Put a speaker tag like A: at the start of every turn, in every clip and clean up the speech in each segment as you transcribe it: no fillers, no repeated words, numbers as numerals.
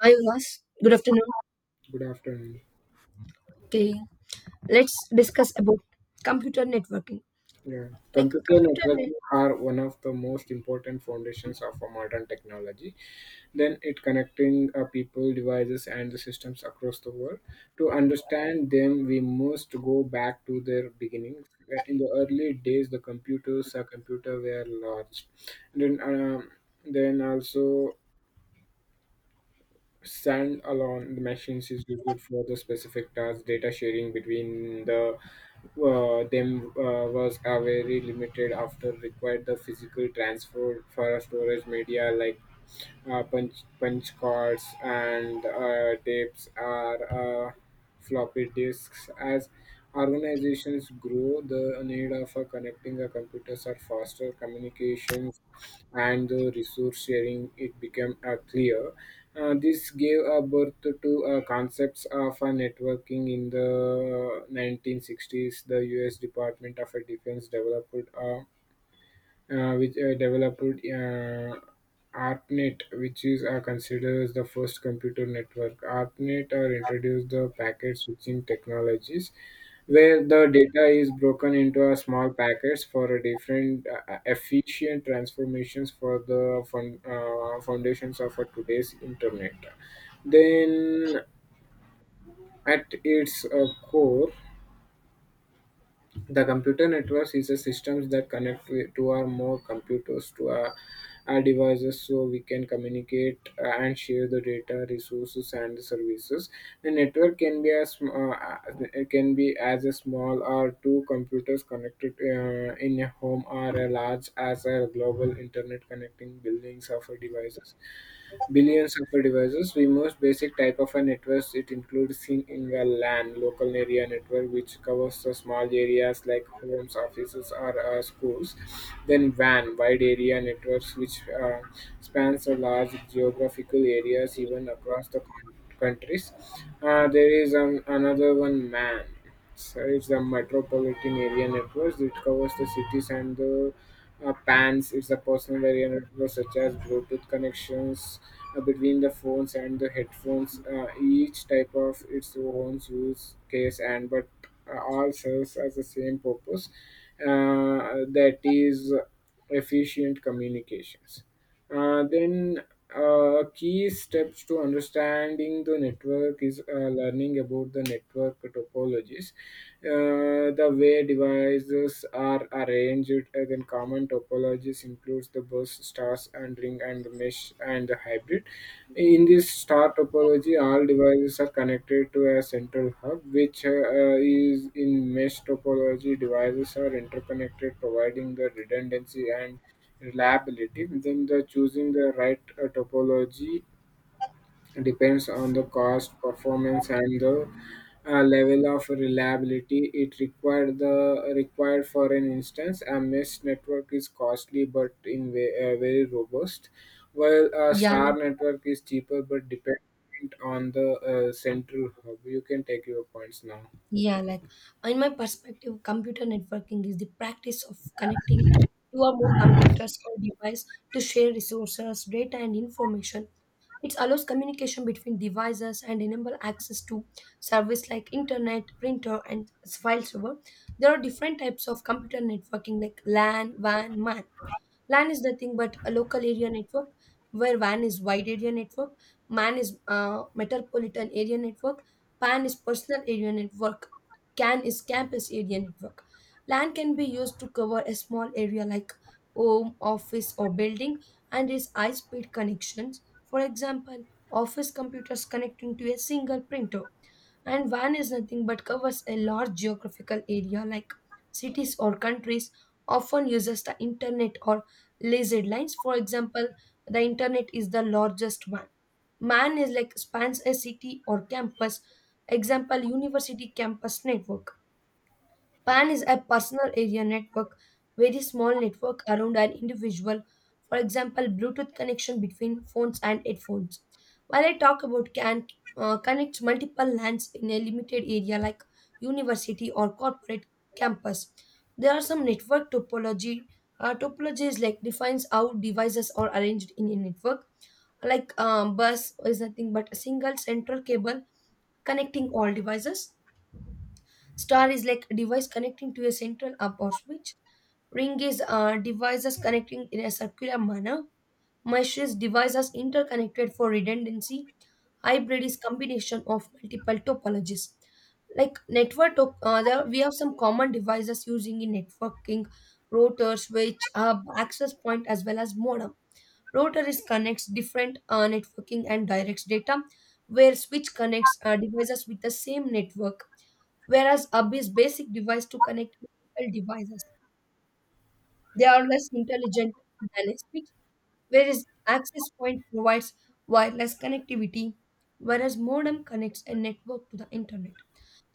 A: Hi, Ulas. Good afternoon.
B: Good afternoon.
A: Okay, let's discuss about computer networking.
B: Yeah.
A: Like
B: Computer
A: computer,
B: networks
A: net-
B: are one of the most important foundations of a modern technology. Then it connecting people, devices, and the systems across the world. To understand them, we must go back to their beginnings. In the early days, the computer were large. Then, um, then also stand alone machines is used for the specific tasks, data sharing between them was a very limited after required the physical transfer for a storage media like uh, punch cards and tapes are floppy disks. As organizations grow, the need of connecting the computers are faster communications and the resource sharing it became clear. This gave a birth to concepts of networking in the 1960s. The U.S. Department of Defense developed uh, which developed ARPANET, which is considered as the first computer network. ARPANET introduced the packet switching technologies, where the data is broken into a small packets for a different efficient transformations for the foundations of a today's internet. Then, at its core, the computer networks is a systems that connect to two or more computers to our devices so we can communicate and share the data, resources, and services. The network can be as it can be as a small or two computers connected in a home or a large as a global internet connecting buildings of devices billions of devices. The most basic type of a network it includes in a LAN local area network, which covers the small areas like homes, offices, or schools. Then WAN wide area networks, which spans a large geographical areas even across the countries. There is another one MAN. So it's the metropolitan area networks. It covers the cities and the PANs is a personal area network such as Bluetooth connections between the phones and the headphones. Each type of its own use case and but all serves as the same purpose. That is efficient communications. Then Key steps to understanding the network is learning about the network topologies, the way devices are arranged. Then common topologies includes the bus, stars, and ring, and mesh, and the hybrid. In this star topology, all devices are connected to a central hub, which is in mesh topology. Devices are interconnected, providing the redundancy and Reliability. Then the choosing the right topology depends on the cost, performance, and the level of reliability it required. The required for an instance, a mesh network is costly but in very robust, while a
A: yeah,
B: star
A: like,
B: network is cheaper but dependent on the central hub. You can take your points now.
A: yeah. Like in my perspective, computer networking is the practice of connecting two or more computers or device to share resources, data, and information. It allows communication between devices and enable access to service like internet, printer, and file server. There are different types of computer networking like LAN, WAN, MAN. LAN is nothing but a local area network, where WAN is wide area network, MAN is metropolitan area network, PAN is personal area network, CAN is campus area network. LAN can be used to cover a small area like home, office, or building and is high speed connections. For example, office computers connecting to a single printer and van is nothing but covers a large geographical area like cities or countries often uses the internet or laser lines, for example the internet is the largest one. Man is like spans a city or campus, example university campus network. PAN is a personal area network, very small network around an individual, for example, Bluetooth connection between phones and headphones. While I talk about CAN, connects multiple lands in a limited area like university or corporate campus. There are some network topology. Topology is like defines how devices are arranged in a network. Like bus is nothing but a single central cable connecting all devices. Star is like a device connecting to a central hub or switch. Ring is devices connecting in a circular manner. Mesh is devices interconnected for redundancy. Hybrid is combination of multiple topologies. Like there, we have some common devices using in networking, router, switch, hub, access point, as well as modem. Router is connects different networking and directs data, where switch connects devices with the same network, whereas hub is basic device to connect multiple devices. They are less intelligent than a switch, whereas access point provides wireless connectivity, whereas modem connects a network to the internet.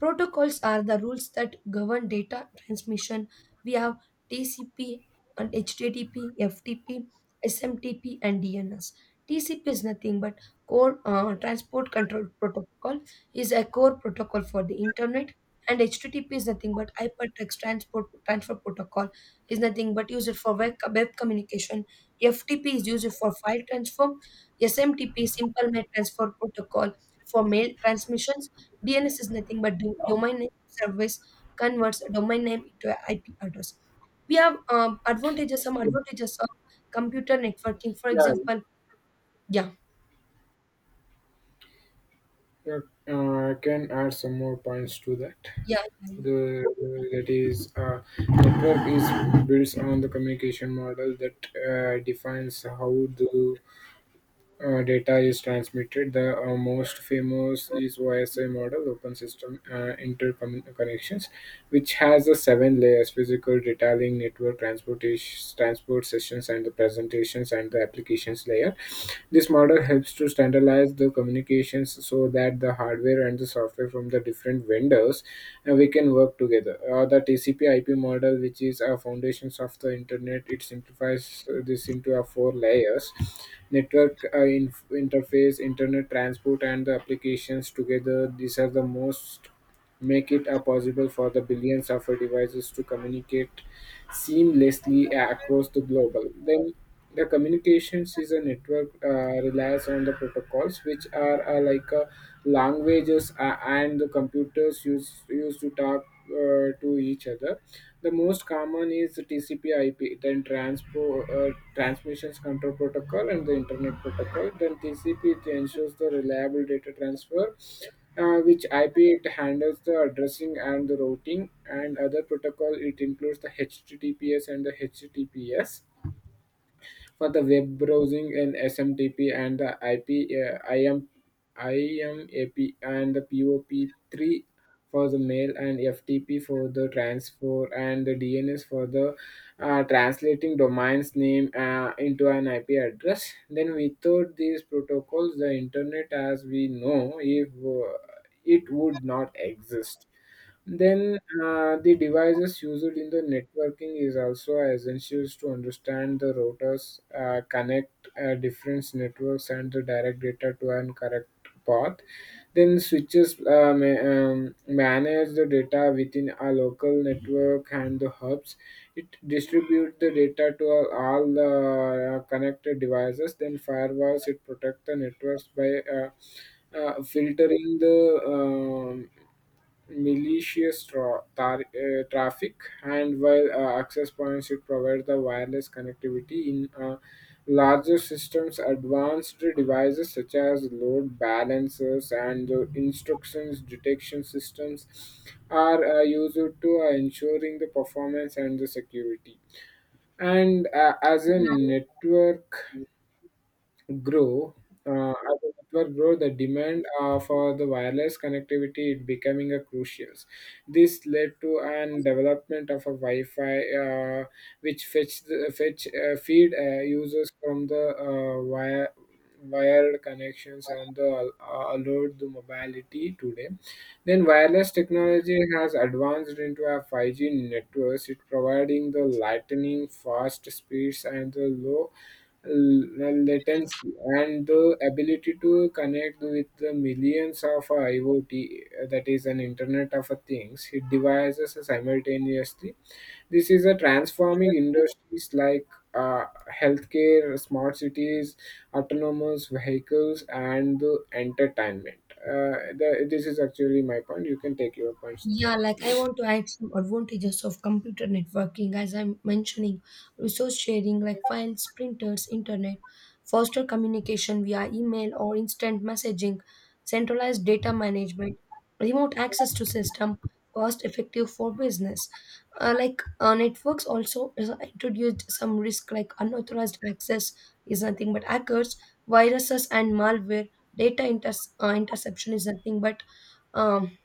A: Protocols are the rules that govern data transmission. We have TCP and HTTP, FTP, SMTP, and DNS. TCP is nothing but core transport control protocol, is a core protocol for the internet, and HTTP is nothing but hypertext transport transfer protocol, is nothing but used for web communication. FTP is used for file transfer. SMTP simple mail transfer protocol for mail transmission. DNS is nothing but domain name service, converts a domain name into an IP address. We have advantages, some advantages of computer networking. For
B: Yeah,
A: example, yeah,
B: yeah, I can add some more points to that.
A: yeah, yeah,
B: The that is a network is built on the communication model that defines how the data is transmitted. The most famous is OSI model, Open System Interconnections, which has the seven layers: physical, detailing, network, transportation, transport sessions, and the presentations and the applications layer. This model helps to standardize the communications so that the hardware and the software from the different vendors we can work together. The TCP/IP model, which is a foundations of the internet, it simplifies this into a four layers: network interface, internet transport, and the applications together. These are the most make it possible for the billions of devices to communicate seamlessly across the globe. Then the communications is a network relies on the protocols which are like languages and the computers use used to talk to each other. The most common is TCP/IP, then transmissions control protocol, and the internet protocol. Then TCP it ensures the reliable data transfer which IP it handles the addressing and the routing and other protocol it includes the HTTPS and the HTTPS for the web browsing and SMTP and the IMAP and the POP3 for the mail and FTP for the transfer and the DNS for the translating domain's name into an IP address. Then without these protocols, the internet as we know if it would not exist. Then the devices used in the networking is also essential to understand the routers, connect different networks and the direct data to an correct path. Then switches manage the data within a local network and the hubs. It distributes the data to all the connected devices. Then firewalls it protect the networks by filtering the malicious traffic and while access points should provide the wireless connectivity in larger systems advanced devices such as load balancers and the instructions detection systems are used to ensuring the performance and the security and
A: yeah.
B: grow as the network grow the demand for the wireless connectivity it becoming a crucial this led to an development of a wi-fi which fetch the, fetch feed users from the wired connections and allowed the mobility today then wireless technology has advanced into a 5G networks, it providing the lightning fast speeds and the latency and the ability to connect with the millions of IoT, that is an Internet of a Things, devices simultaneously. This is a transforming industries like uh, healthcare, smart cities, autonomous vehicles, and the entertainment. This is actually my point. You can take your points now.
A: Yeah, like I want to add some advantages of computer networking, as I'm mentioning, resource sharing like files, printers, internet, faster communication via email or instant messaging, centralized data management, remote access to system, cost effective for business. Like networks also introduced some risk like unauthorized access, is nothing but hackers, viruses and malware. Data interception is nothing but um,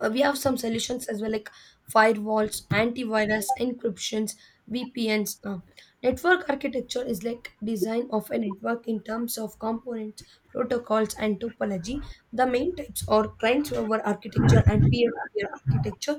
A: we have some solutions as well like firewalls, antivirus, encryptions, VPNs. Network architecture is like design of a network in terms of components, protocols and topology. The main types are client server architecture and peer-to-peer architecture.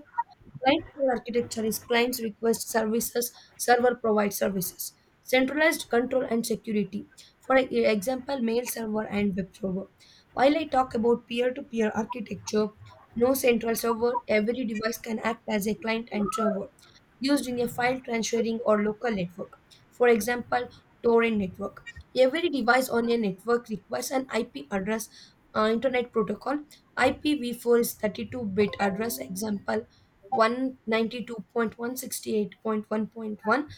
A: Client-server architecture is clients request services, server provides services. Centralized control and security. For example, mail server and web server. While I talk about peer-to-peer architecture, no central server, every device can act as a client and server, used in a file transferring or local network. For example, torrent network. Every device on a network requires an IP address, Internet Protocol. IPv4 is 32-bit address. Example, 192.168.1.1.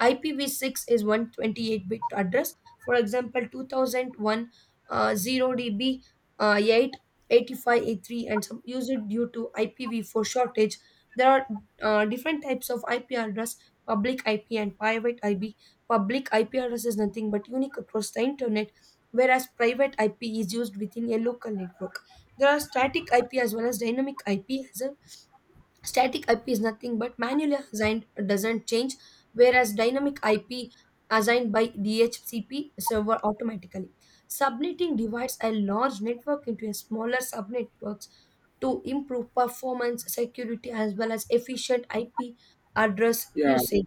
A: IPv6 is 128-bit address. For example, 2001 0DB 88583, and some user due to IPv4 shortage. There are different types of IP address, public IP and private IP. Public IP address is nothing but unique across the internet, whereas private IP is used within a local network. There are static IP as well as dynamic IP as. Static IP is nothing but manually assigned, doesn't change, whereas dynamic IP assigned by DHCP server automatically. Subnetting divides a large network into a smaller subnetworks to improve performance, security as well as efficient IP address
B: Yeah,
A: usage.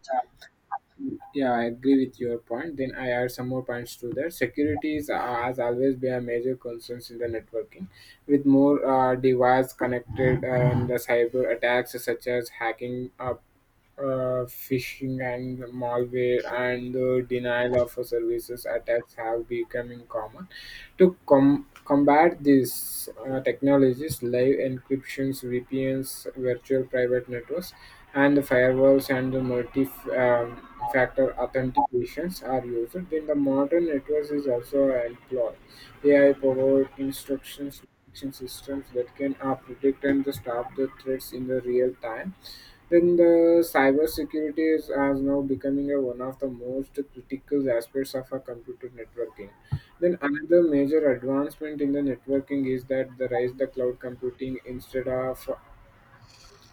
B: yeah, I agree with your point. Then I add some more points to that. Security is, has always been a major concern in the networking, with more devices connected and the cyber attacks such as hacking, phishing and malware and the denial of services attacks have becoming common. To combat these technologies, live encryptions, VPNs, virtual private networks, and the firewalls and the multi factor authentications are used. Then the modern networks is also employed. AI powered instructions detection systems that can predict and stop the threats in the real time then the cybersecurity is has now becoming a, one of the most critical aspects of a computer networking. Then another major advancement in the networking is that the rise the cloud computing instead of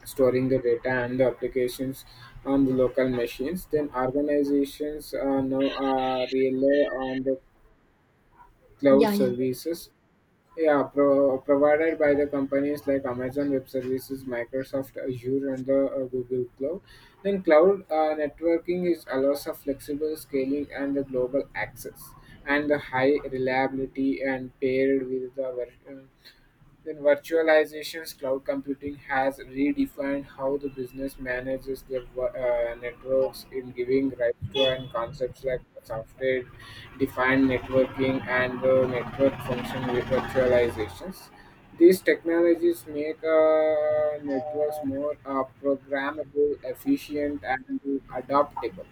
B: storing the data and the applications on the local machines. Then organizations now rely on the cloud
A: Yeah, yeah.
B: services yeah, provided by the companies like Amazon Web Services, Microsoft Azure, and the Google Cloud. Then cloud networking is allows of flexible scaling and the global access and the high reliability and paired with the ver- uh, then virtualizations, cloud computing has redefined how the business manages their networks in giving rise to and concepts like software defined networking and the network function with virtualizations. These technologies make networks more programmable, efficient, and adaptable.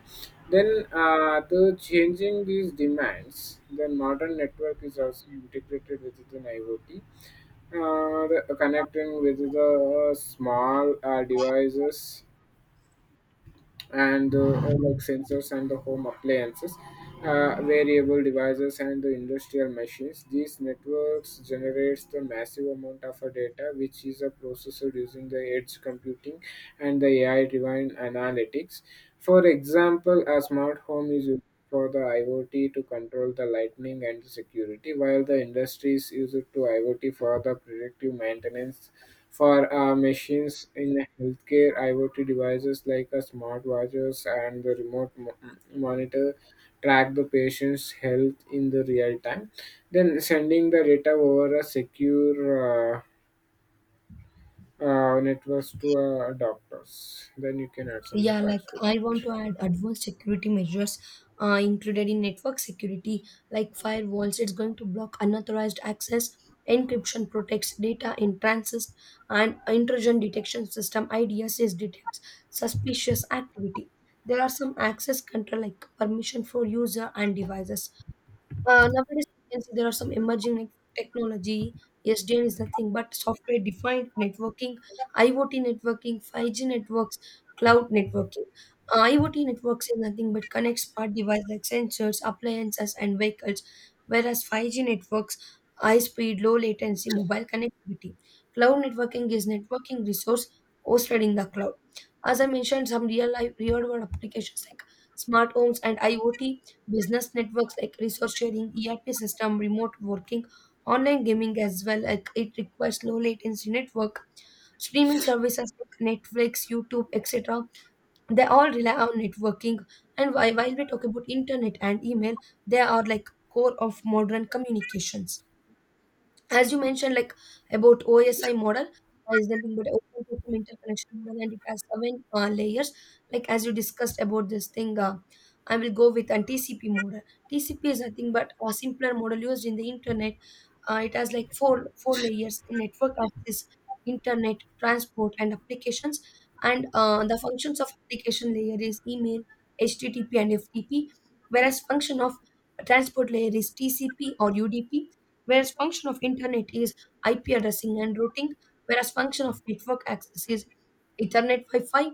B: Then the changing these demands, the modern network is also integrated within IoT uh, connecting with the small devices and like sensors and the home appliances, variable devices and the industrial machines. These networks generates the massive amount of data, which is processed using the edge computing and the AI-driven analytics. For example, a smart home is used for the IoT to control the lightning and security, while the industries use it to IoT for the predictive maintenance for machines in healthcare, IoT devices like a smartwatches and the remote monitor track the patient's health in the real time, then sending the data over a secure network to doctors. Then you can add some more
A: Yeah, like
B: points to
A: I want
B: that.
A: to add advanced security measures included in network security, like firewalls. It's going to block unauthorized access. Encryption protects data in transit, and intrusion detection system IDSS detects suspicious activity. There are some access control, like permission for user and devices. Nowadays, you can see there are some emerging like technology. SDN is nothing but software defined networking, IoT networking, 5G networks, cloud networking. IoT networks is nothing but connect smart devices like sensors, appliances, and vehicles, whereas 5G networks, high speed, low latency, mobile connectivity. Cloud networking is networking resource hosted in the cloud. As I mentioned, some real life, real world applications like smart homes and IoT, business networks like resource sharing, ERP system, remote working, online gaming as well. Like it requires low latency network, streaming services like Netflix, YouTube, etc. They all rely on networking. And while we talk about internet and email, they are like core of modern communications. As you mentioned, like about OSI model, is nothing but open system interconnection model, and it has seven layers. Like as you discussed about this thing, I will go with a TCP model. TCP is nothing but a simpler model used in the internet. It has like four layers: the network access, internet, transport, and applications. And the functions of application layer is email, HTTP, and FTP, whereas function of transport layer is TCP or UDP, whereas function of internet is IP addressing and routing, whereas function of network access is Ethernet, Wi-Fi,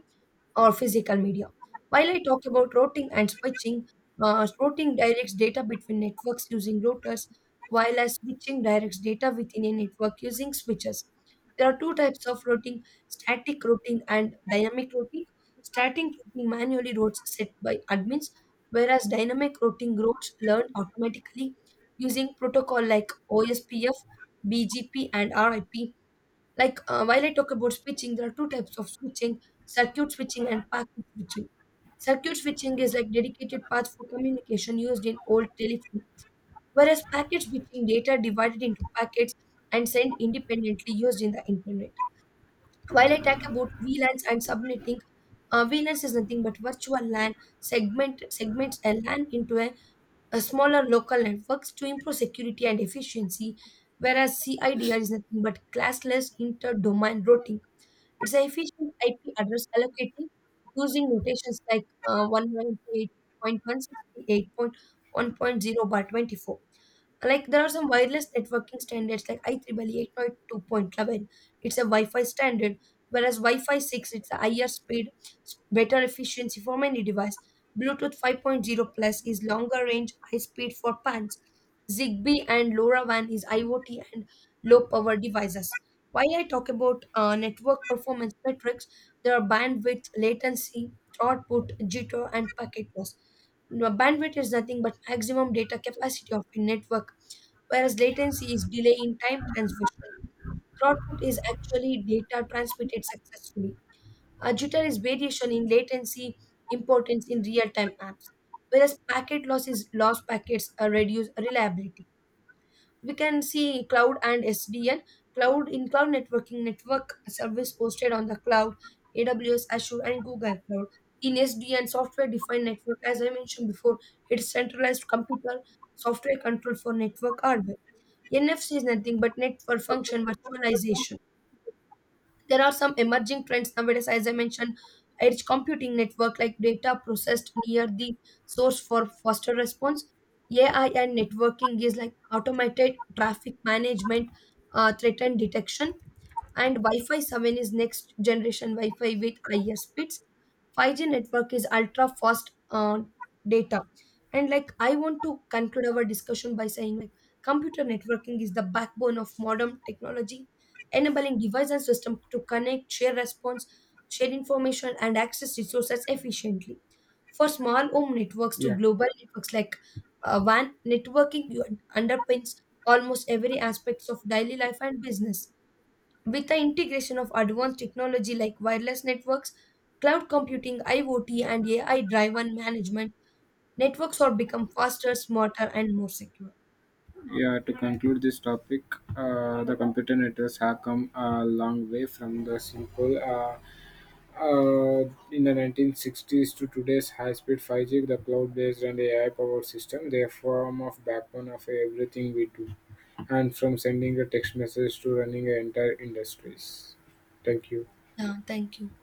A: or physical media. While I talk about routing and switching, routing directs data between networks using routers, while as switching directs data within a network using switches. There are two types of routing, static routing and dynamic routing. Static routing manually routes set by admins, whereas dynamic routing routes learned automatically using protocol like OSPF, BGP, and RIP. Like, while I talk about switching, there are two types of switching: circuit switching and packet switching. Circuit switching is like dedicated paths for communication used in old telephone, whereas packet switching data divided into packets and sent independently used in the internet. While I talk about VLANs and subnetting, VLANs is nothing but virtual LAN, segments a LAN into a smaller local networks to improve security and efficiency, whereas CIDR is nothing but classless inter-domain routing. It's an efficient IP address allocating using notations like 198.168.1.0 by 24. Like there are some wireless networking standards like IEEE 802.11. It's a Wi-Fi standard, whereas Wi-Fi 6, it's a higher speed, better efficiency for many device. Bluetooth 5.0 plus is longer range, high speed for pans. Zigbee and LoRaWAN is IoT and low power devices. While I talk about network performance metrics, there are bandwidth, latency, output, jitter, and packet loss. Now, bandwidth is nothing but maximum data capacity of a network, whereas latency is delay in time transmission. Throughput is actually data transmitted successfully. A jitter is variation in latency, importance in real-time apps, whereas packet loss is lost packets are reduced reliability. We can see cloud and SDN. Cloud in cloud networking, network service hosted on the cloud, AWS, Azure and Google Cloud. In SDN, software defined network, as I mentioned before, it's centralized computer, software control for network hardware. NFC is nothing but network function virtualization. There are some emerging trends nowadays as I mentioned. Edge computing network, like data processed near the source for faster response. AI and networking is like automated traffic management, threat and detection, and Wi-Fi 7 is next generation Wi-Fi with higher speeds. 5G network is ultra fast data. And like I want to conclude our discussion by saying like computer networking is the backbone of modern technology, enabling device and system to connect, share response, share information and access resources efficiently. For small home networks to
B: Yeah,
A: global networks like WAN, networking underpins almost every aspect of daily life and business. With the integration of advanced technology like wireless networks, cloud computing, IoT, and AI driven management, networks are become faster, smarter, and more secure.
B: yeah. To conclude this topic, the computer networks have come a long way from the simple. Uh, in the 1960s to today's high-speed 5G, the cloud-based and AI-powered system, they are form of backbone of everything we do, and from sending a text message to running an entire industries. Thank you.
A: Yeah, thank you.